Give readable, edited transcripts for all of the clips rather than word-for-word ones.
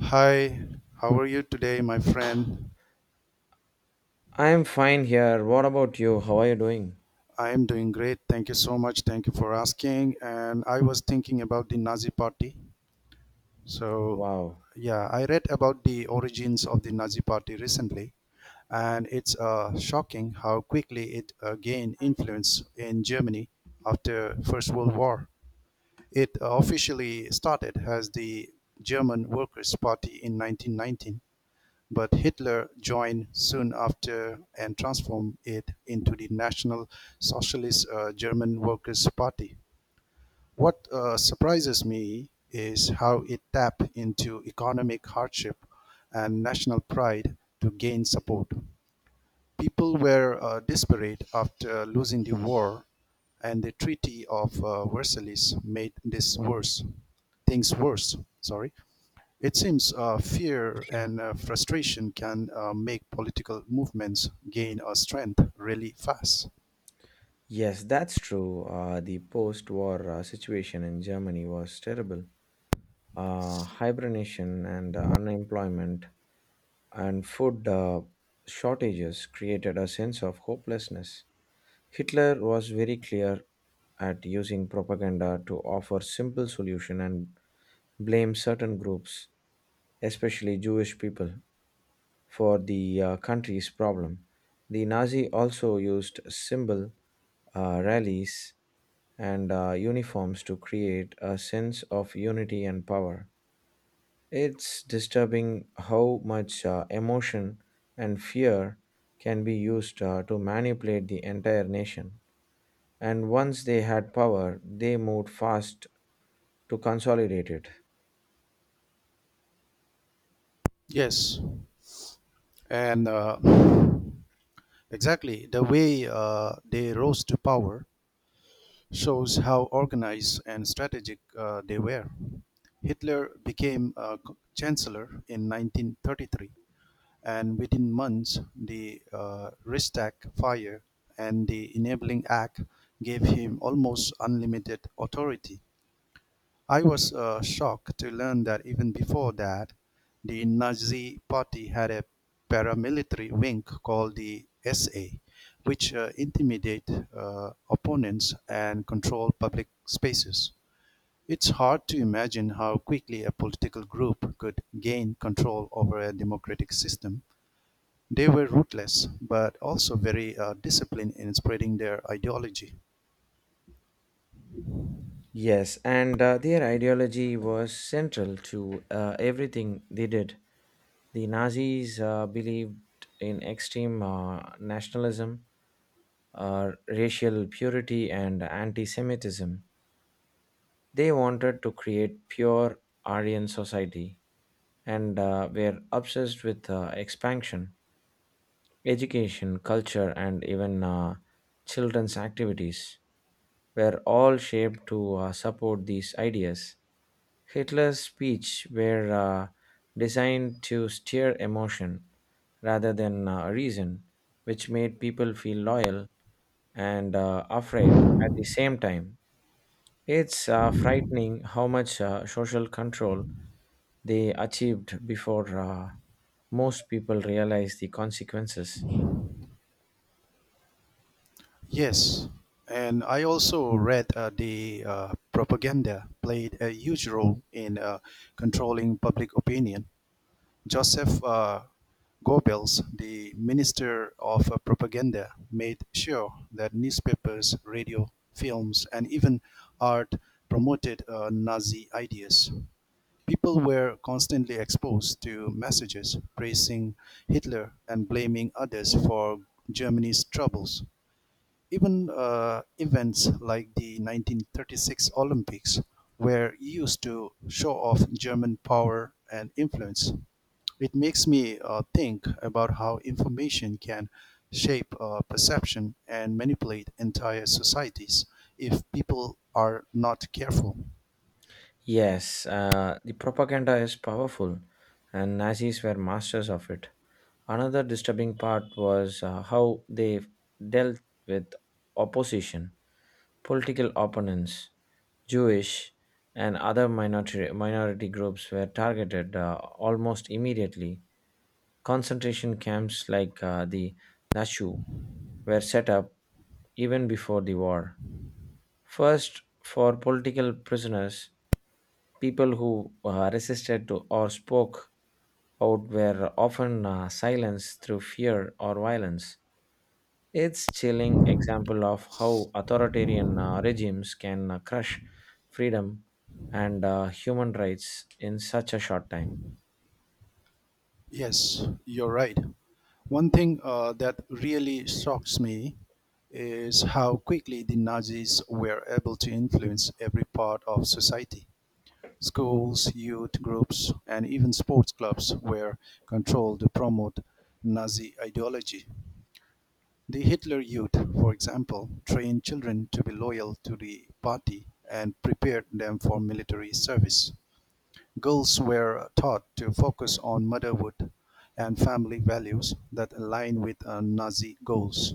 Hi, how are you today, my friend? I'm fine here. What about you? How are you doing? I am doing great. Thank you so much. Thank you for asking. And I was thinking about the Nazi Party. So, Wow. yeah, I read about the origins of the Nazi Party recently, and it's shocking how quickly it gained influence in Germany after First World War. It officially started as the German Workers' Party in 1919. But Hitler joined soon after and transformed it into the National Socialist German Workers' Party. What surprises me is how it tapped into economic hardship and national pride to gain support. People were desperate after losing the war, and the Treaty of Versailles made this worse things worse. Sorry, it seems fear and frustration can make political movements gain strength really fast. Yes, that's true. The post war situation in Germany was terrible. Hibernation and unemployment and food shortages created a sense of hopelessness. Hitler was very clear at using propaganda to offer simple solution and blame certain groups, especially Jewish people, for the country's problem. The Nazi also used symbol, rallies, and uniforms to create a sense of unity and power. It's disturbing how much emotion and fear can be used to manipulate the entire nation. And once they had power, they moved fast to consolidate it. Yes, and exactly, the way they rose to power shows how organized and strategic they were. Hitler became chancellor in 1933, and within months, the Reichstag fire and the Enabling Act gave him almost unlimited authority. I was shocked to learn that even before that, the Nazi Party had a paramilitary wing called the SA, which intimidate opponents and control public spaces. It's hard to imagine how quickly a political group could gain control over a democratic system. They were ruthless, but also very disciplined in spreading their ideology. Yes, and their ideology was central to everything they did. The Nazis believed in extreme nationalism, racial purity, and anti Semitism. They wanted to create pure Aryan society and were obsessed with expansion. Education, culture, and even children's activities were all shaped to support these ideas. Hitler's speeches were designed to stir emotion rather than reason, which made people feel loyal and afraid at the same time. It's frightening how much social control they achieved before most people realize the consequences. Yes, and I also read the propaganda played a huge role in controlling public opinion. Joseph Goebbels, the minister of propaganda, made sure that newspapers, radio, films, and even art promoted Nazi ideas. People were constantly exposed to messages praising Hitler and blaming others for Germany's troubles. Even events like the 1936 Olympics were used to show off German power and influence. It makes me think about how information can shape perception and manipulate entire societies if people are not careful. Yes, the propaganda is powerful, and Nazis were masters of it. Another disturbing part was how they dealt with opposition, political opponents, Jewish, and other minority groups were targeted almost immediately. Concentration camps like the Nashu were set up even before the war, first, for political prisoners. People who resisted to or spoke out were often silenced through fear or violence. It's chilling example of how authoritarian regimes can crush freedom and human rights in such a short time. Yes, you're right. One thing that really shocks me is how quickly the Nazis were able to influence every part of society. Schools, youth groups, and even sports clubs were controlled to promote Nazi ideology. The Hitler Youth, for example, trained children to be loyal to the party and prepared them for military service. Girls were taught to focus on motherhood and family values that align with Nazi goals.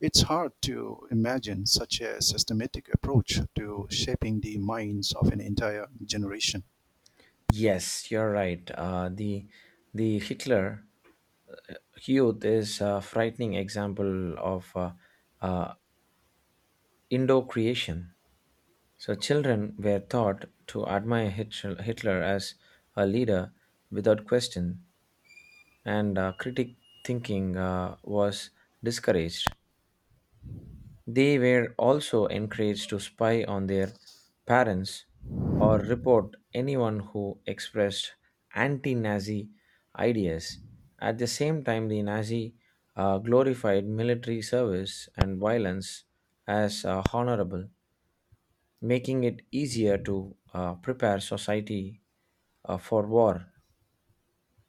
It's hard to imagine such a systematic approach to shaping the minds of an entire generation. Yes, you're right. The Hitler youth is a frightening example of uh, Indo-creation. So children were taught to admire Hitler as a leader without question, and critic thinking was discouraged. They were also encouraged to spy on their parents or report anyone who expressed anti Nazi ideas. At the same time, the Nazi glorified military service and violence as honorable, making it easier to prepare society for war.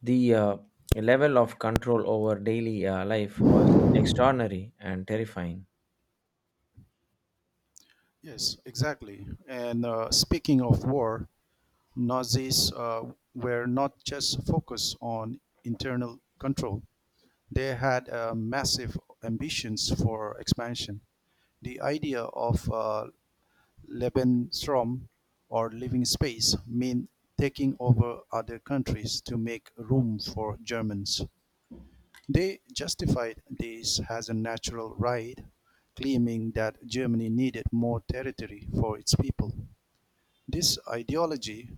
The level of control over daily life was extraordinary and terrifying. Yes, exactly. And speaking of war, Nazis were not just focused on internal control. They had massive ambitions for expansion. The idea of Lebensraum, or living space, mean taking over other countries to make room for Germans. They justified this as a natural right, claiming that Germany needed more territory for its people. This ideology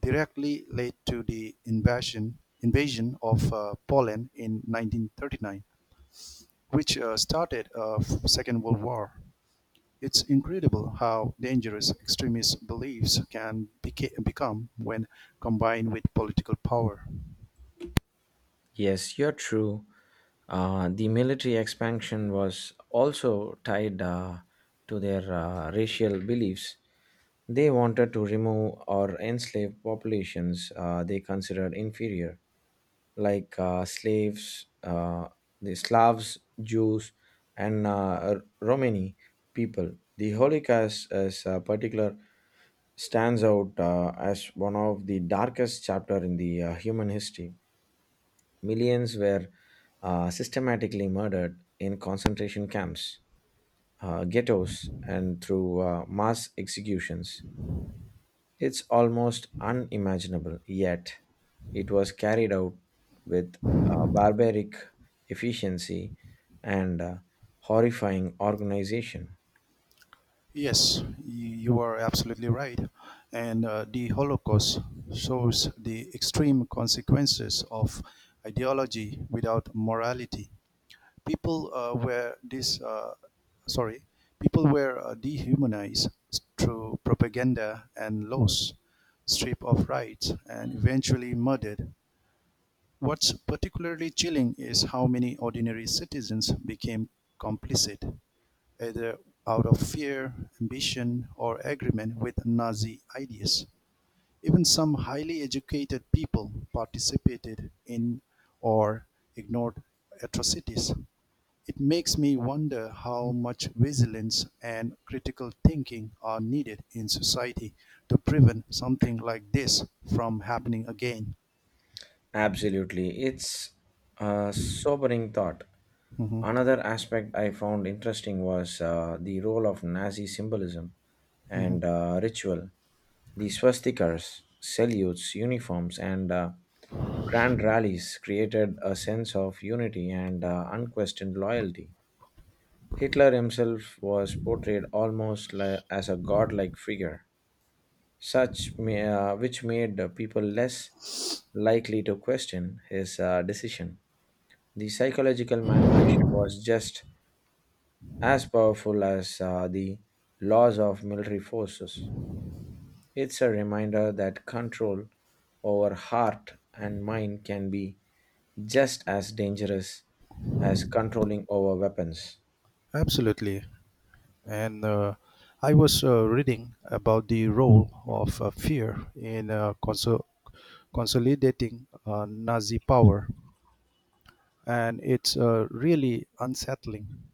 directly led to the invasion of Poland in 1939, which started a Second World War. It's incredible how dangerous extremist beliefs can become when combined with political power. Yes, you're true. The military expansion was also tied to their racial beliefs. They wanted to remove or enslave populations they considered inferior, like slaves, the Slavs, Jews, and Romani people. The Holocaust, as a particular, stands out as one of the darkest chapter in the human history. Millions were systematically murdered in concentration camps, ghettos, and through mass executions. It's almost unimaginable, yet it was carried out with barbaric efficiency and horrifying organization. Yes, you are absolutely right. And the Holocaust shows the extreme consequences of ideology without morality. People uh, were this, uh, sorry, people were dehumanized through propaganda and laws, stripped of rights, and eventually murdered. What's particularly chilling is how many ordinary citizens became complicit either out of fear, ambition, or agreement with Nazi ideas. Even some highly educated people participated in or ignored atrocities. It makes me wonder how much vigilance and critical thinking are needed in society to prevent something like this from happening again. Absolutely. It's a sobering thought. Mhm, Another aspect I found interesting was the role of Nazi symbolism mhm. and ritual. The swastikas, salutes, uniforms, and grand rallies created a sense of unity and unquestioned loyalty. Hitler himself was portrayed almost as a godlike figure such may, which made people less likely to question his decision. The psychological manipulation was just as powerful as the laws of military forces. It's a reminder that control over heart and mind can be just as dangerous as controlling over weapons. Absolutely. And I was reading about the role of fear in consolidating Nazi power, and it's really unsettling.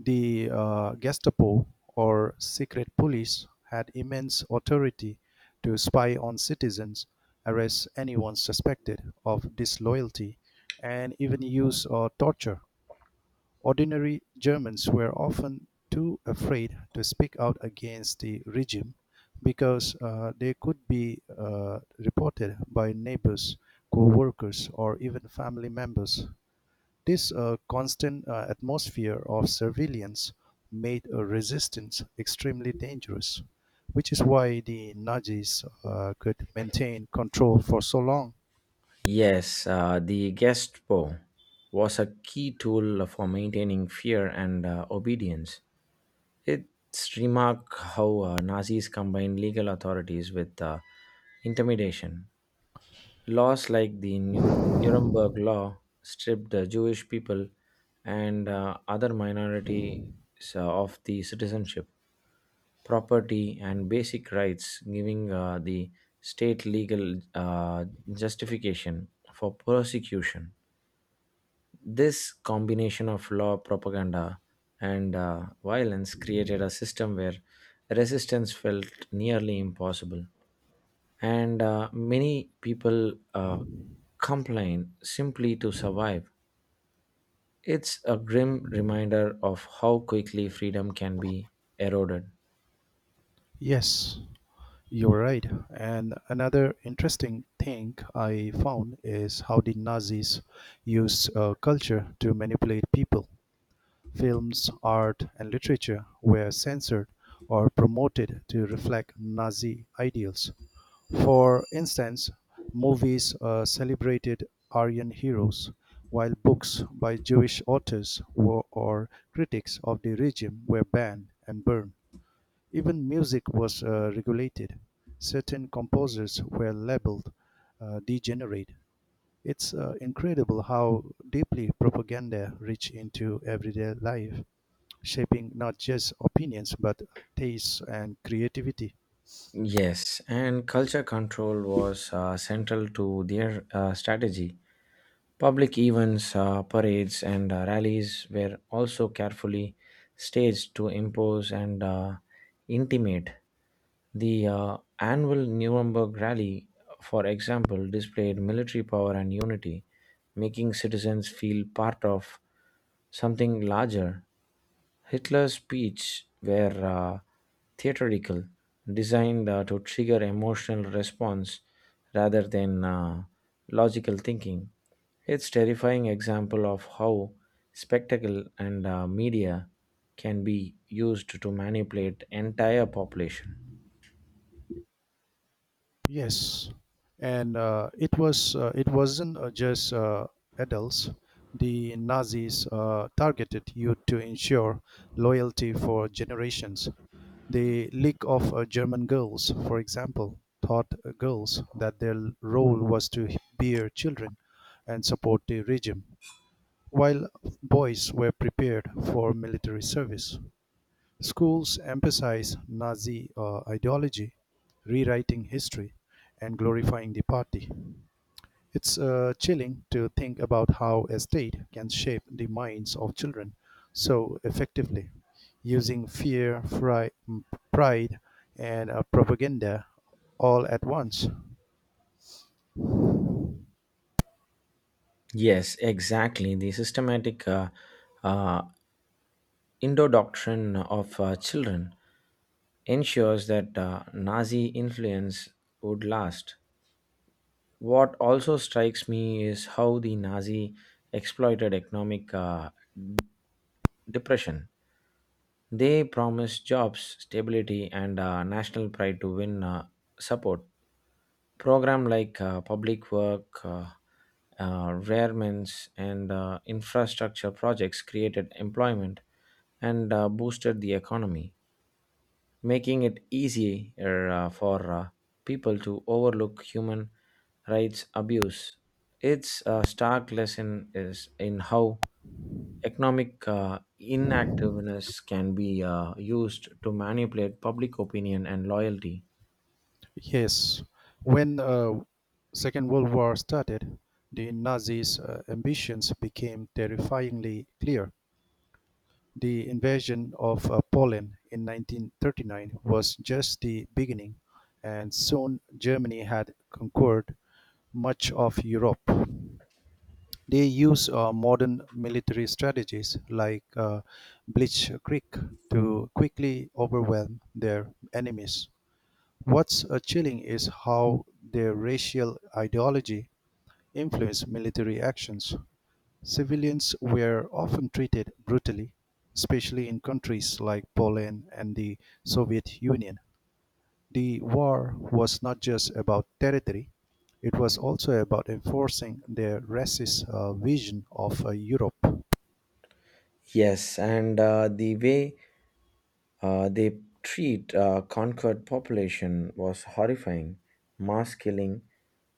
The Gestapo, or secret police, had immense authority to spy on citizens, arrest anyone suspected of disloyalty, and even use torture. Ordinary Germans were often too afraid to speak out against the regime because they could be reported by neighbors, co-workers, or even family members. This constant atmosphere of surveillance made resistance extremely dangerous, which is why the Nazis could maintain control for so long. Yes, the Gestapo was a key tool for maintaining fear and obedience. It's remark how Nazis combined legal authorities with intimidation. Laws like the Nuremberg Law stripped the Jewish people and other minorities of the citizenship, property, and basic rights, giving the state legal justification for prosecution. This combination of law, propaganda, and violence created a system where resistance felt nearly impossible. And many people complain simply to survive. It's a grim reminder of how quickly freedom can be eroded. Yes, you're right. And another interesting thing I found is how the Nazis used culture to manipulate people. Films, art, and literature were censored or promoted to reflect Nazi ideals. For instance, movies celebrated Aryan heroes, while books by Jewish authors were, or critics of the regime were, banned and burned. Even music was regulated; certain composers were labeled degenerate. It's incredible how deeply propaganda reached into everyday life, shaping not just opinions but tastes and creativity. Yes, and culture control was central to their strategy. Public events, parades, and rallies were also carefully staged to impose and intimidate. The annual Nuremberg rally, for example, displayed military power and unity, making citizens feel part of something larger. Hitler's speech were theatrical, designed to trigger emotional response rather than logical thinking. It's terrifying example of how spectacle and media can be used to manipulate entire population. Yes, and it wasn't just adults. The Nazis targeted youth to ensure loyalty for generations. The League of German Girls, for example, taught girls that their role was to bear children and support the regime, while boys were prepared for military service. Schools emphasize Nazi ideology, rewriting history, and glorifying the party. It's chilling to think about how a state can shape the minds of children so effectively, using pride, and propaganda all at once. Yes, exactly. The systematic uh, indoctrination of children ensures that Nazi influence would last. What also strikes me is how the Nazi exploited economic depression. They promised jobs, stability, and national pride to win support. Program like public work, rearments, and infrastructure projects created employment and boosted the economy, making it easier for people to overlook human rights abuse. Its stark lesson is in how economic inactiveness can be used to manipulate public opinion and loyalty. Yes, when Second World War started, the Nazis' ambitions became terrifyingly clear. The invasion of Poland in 1939 was just the beginning, and soon Germany had conquered much of Europe. They use modern military strategies like Bleach Creek to quickly overwhelm their enemies. What's chilling is how their racial ideology influenced military actions. Civilians were often treated brutally, especially in countries like Poland and the Soviet Union. The war was not just about territory, it was also about enforcing their racist vision of Europe. Yes, and the way they treat conquered population was horrifying. Mass killing,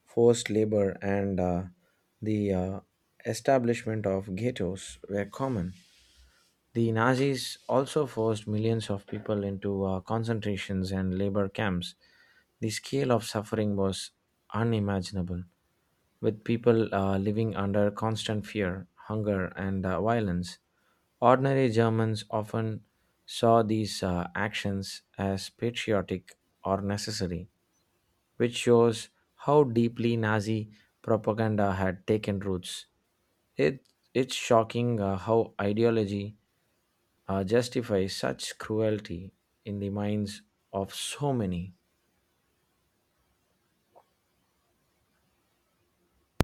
forced labor, and the establishment of ghettos were common. The Nazis also forced millions of people into concentrations and labor camps. The scale of suffering was unimaginable, with people living under constant fear, hunger, and violence. Ordinary Germans often saw these actions as patriotic or necessary, which shows how deeply Nazi propaganda had taken roots. It, it's shocking how ideology justify such cruelty in the minds of so many.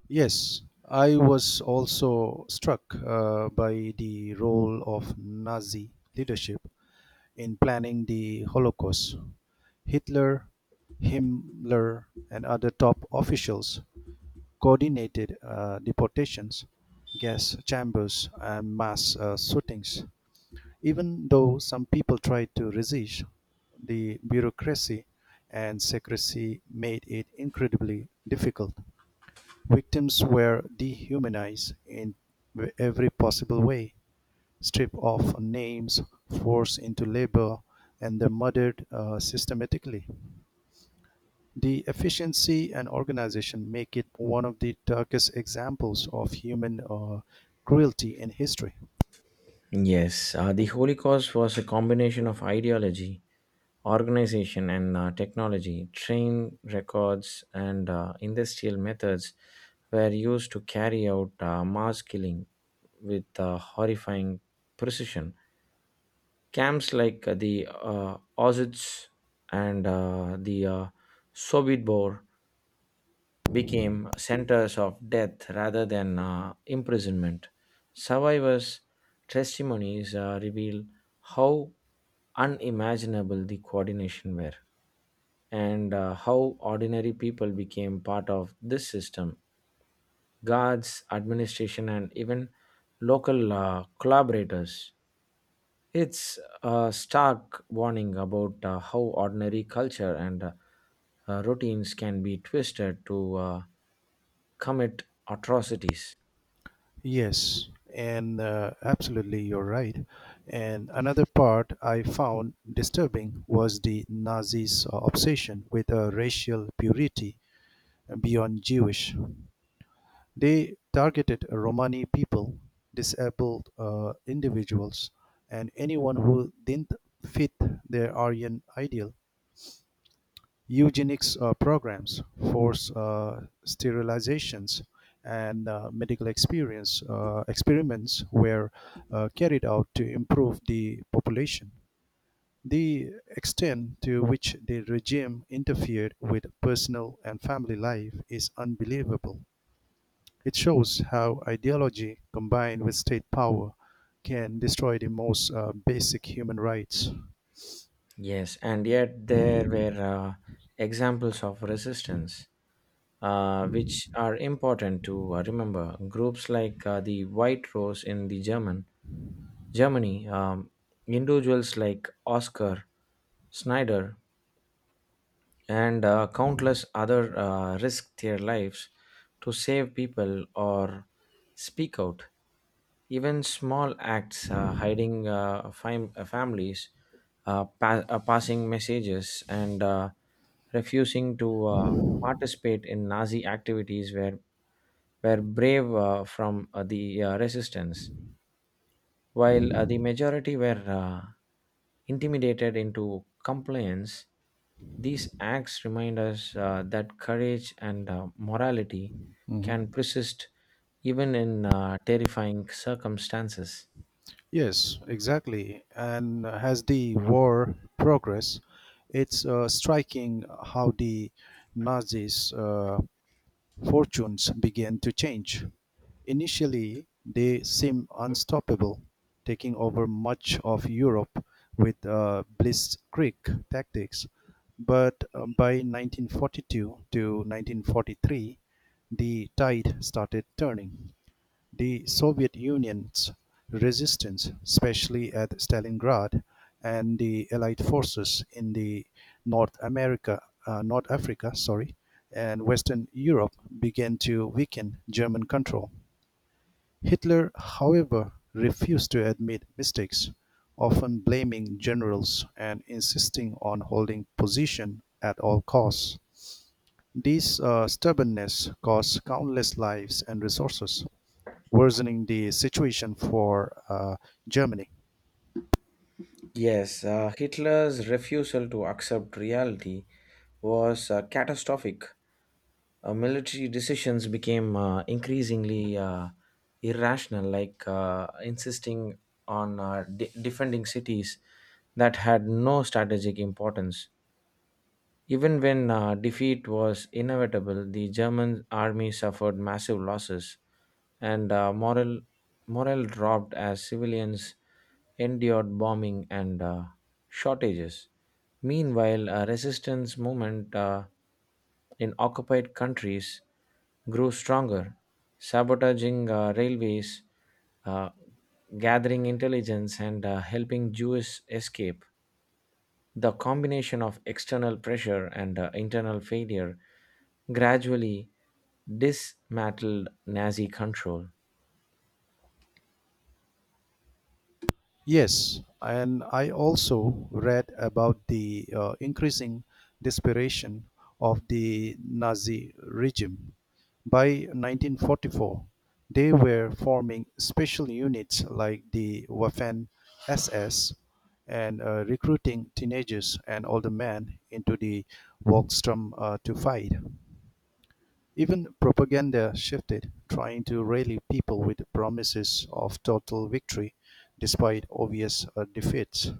Yes, I was also struck by the role of Nazi leadership in planning the Holocaust. Hitler, Himmler, and other top officials coordinated deportations, gas chambers, and mass shootings. Even though some people tried to resist, the bureaucracy and secrecy made it incredibly difficult. Victims were dehumanized in every possible way, stripped of names, forced into labor, and then murdered systematically. The efficiency and organization make it one of the darkest examples of human cruelty in history. Yes, the Holocaust was a combination of ideology, organization, and technology. Train records and industrial methods were used to carry out mass killing with horrifying precision. Camps like the Auschwitz and the Sobibor became centers of death rather than imprisonment. Survivors' testimonies reveal how unimaginable the coordination were and how ordinary people became part of this system: guards, administration, and even local collaborators. It's a stark warning about how ordinary culture and routines can be twisted to commit atrocities. Yes, and absolutely, you're right. And another part I found disturbing was the Nazis' obsession with racial purity beyond Jewish. They targeted Romani people, disabled individuals, and anyone who didn't fit their Aryan ideal. Eugenics programs, forced sterilizations, and medical experience experiments were carried out to improve the population. The extent to which the regime interfered with personal and family life is unbelievable. It shows how ideology combined with state power can destroy the most basic human rights. Yes, and yet there were examples of resistance, which are important to remember. Groups like the White Rose in the Germany, individuals like Oscar Snyder and countless other risk their lives to save people or speak out. Even small acts, hiding families, passing messages, and refusing to participate in Nazi activities were brave from the resistance. While the majority were intimidated into compliance, these acts remind us that courage and morality can Mhm. persist even in terrifying circumstances. Yes, exactly. And as the war progressed, it's striking how the Nazis' fortunes began to change. Initially, they seemed unstoppable, taking over much of Europe with blitzkrieg tactics. But by 1942 to 1943, the tide started turning. The Soviet Union's resistance, especially at Stalingrad, and the Allied forces in the North America, North Africa, sorry, and Western Europe began to weaken German control. Hitler, however, refused to admit mistakes, often blaming generals and insisting on holding position at all costs. This stubbornness cost countless lives and resources, worsening the situation for Germany. Yes, Hitler's refusal to accept reality was catastrophic. Military decisions became increasingly irrational, like insisting on defending cities that had no strategic importance. Even when defeat was inevitable, the German army suffered massive losses and morale dropped as civilians endured bombing and shortages. Meanwhile, a resistance movement in occupied countries grew stronger, sabotaging railways, uh, gathering intelligence, and helping Jews escape. The combination of external pressure and internal failure gradually dismantled Nazi control. Yes, and I also read about the increasing desperation of the Nazi regime. By 1944, they were forming special units like the Waffen SS and recruiting teenagers and older men into the Volksturm to fight. Even propaganda shifted, trying to rally people with promises of total victory despite obvious defeats.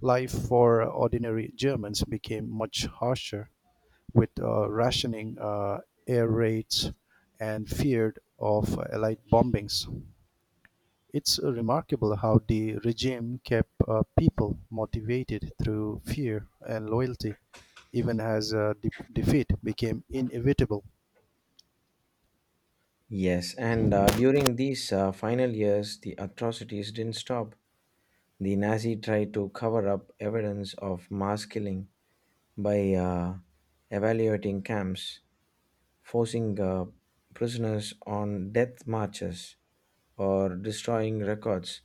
Life for ordinary Germans became much harsher, with rationing, air raids, and feared of Allied bombings. It's remarkable how the regime kept people motivated through fear and loyalty, even as defeat became inevitable. Yes, and during these final years, the atrocities didn't stop. The Nazi tried to cover up evidence of mass killing by evaluating camps, forcing prisoners on death marches, or destroying records.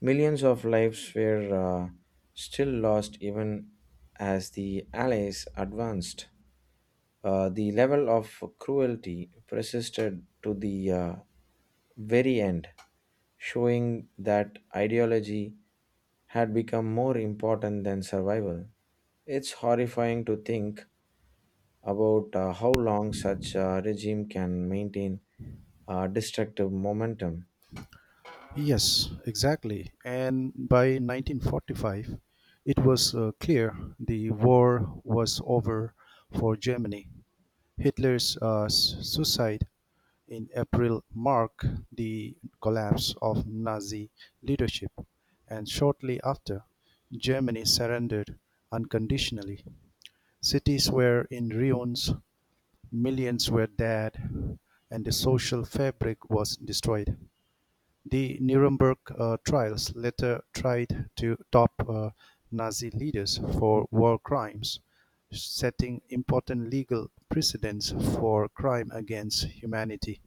Millions of lives were still lost even as the Allies advanced. The level of cruelty persisted to the very end, showing that ideology had become more important than survival. It's horrifying to think about how long such a regime can maintain destructive momentum. Yes, exactly. And by 1945, it was clear the war was over for Germany. Hitler's suicide in April marked the collapse of Nazi leadership, and shortly after, Germany surrendered unconditionally. Cities were in ruins, millions were dead, and the social fabric was destroyed. The Nuremberg trials later tried to top Nazi leaders for war crimes, setting important legal precedents for crime against humanity.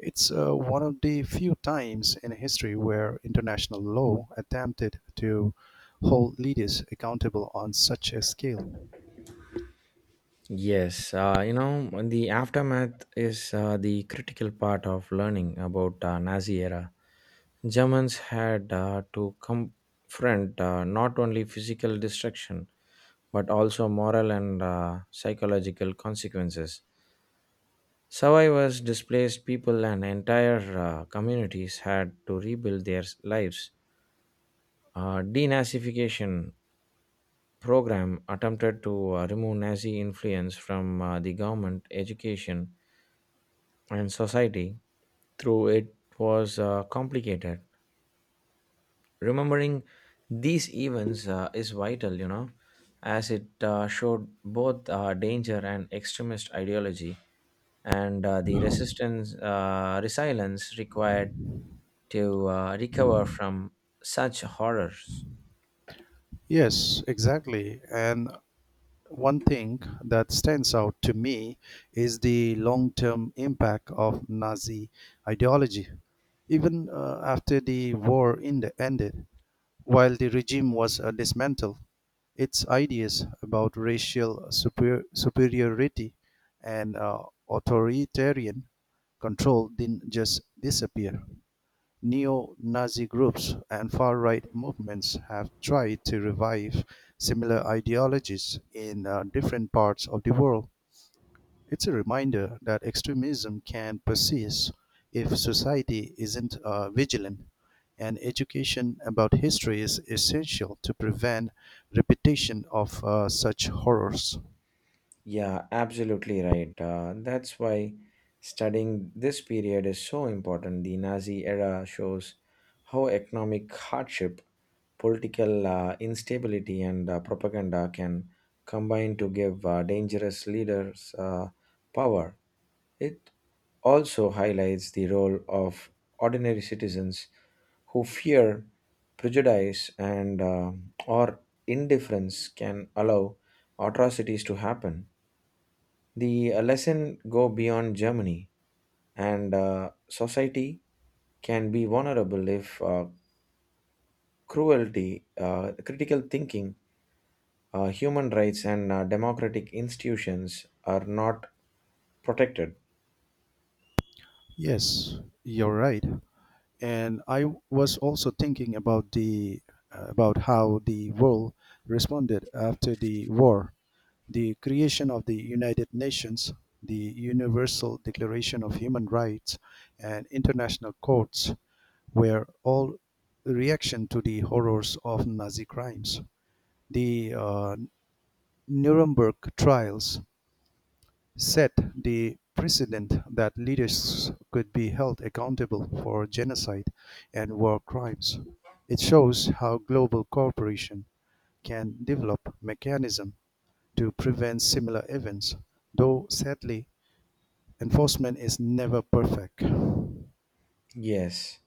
It's one of the few times in history where international law attempted to hold leaders accountable on such a scale. Yes, you know, the aftermath is the critical part of learning about Nazi era. Germans had to confront not only physical destruction but also moral and psychological consequences. Survivors, displaced people, and entire communities had to rebuild their lives. Denazification program attempted to remove Nazi influence from the government, education, and society. Through it was complicated, remembering these events is vital, you know, as it showed both danger and extremist ideology, and the resistance resilience required to recover from such horrors. Yes, exactly. And one thing that stands out to me is the long term impact of Nazi ideology. Even after the war in the ended, while the regime was dismantled, its ideas about superiority and authoritarian control didn't just disappear. Neo-Nazi groups and far-right movements have tried to revive similar ideologies in different parts of the world. It's a reminder that extremism can persist if society isn't vigilant, and education about history is essential to prevent repetition of such horrors. Yeah, absolutely right. That's why studying this period is so important. The Nazi era shows how economic hardship, political instability, and propaganda can combine to give dangerous leaders power. It also highlights the role of ordinary citizens who fear prejudice and or indifference can allow atrocities to happen. The lesson go beyond Germany, and society can be vulnerable if critical thinking, human rights, and democratic institutions are not protected. Yes, you're right. And I was also thinking about the about how the world responded after the war. The creation of the United Nations, the Universal Declaration of Human Rights, and international courts were all a reaction to the horrors of Nazi crimes. The Nuremberg trials set the precedent that leaders could be held accountable for genocide and war crimes. It shows how global cooperation can develop mechanisms to prevent similar events, though sadly, enforcement is never perfect. Yes,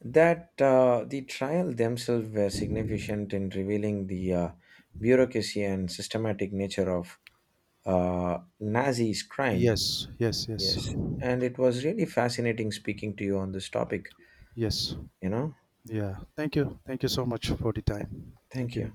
that the trial themselves were significant in revealing the bureaucracy and systematic nature of Nazi's crime. Yes, yes, yes, Yes, and it was really fascinating speaking to you on this topic. yes. You know, Yeah. Thank you. Thank you so much for the time. Thank thank you. you.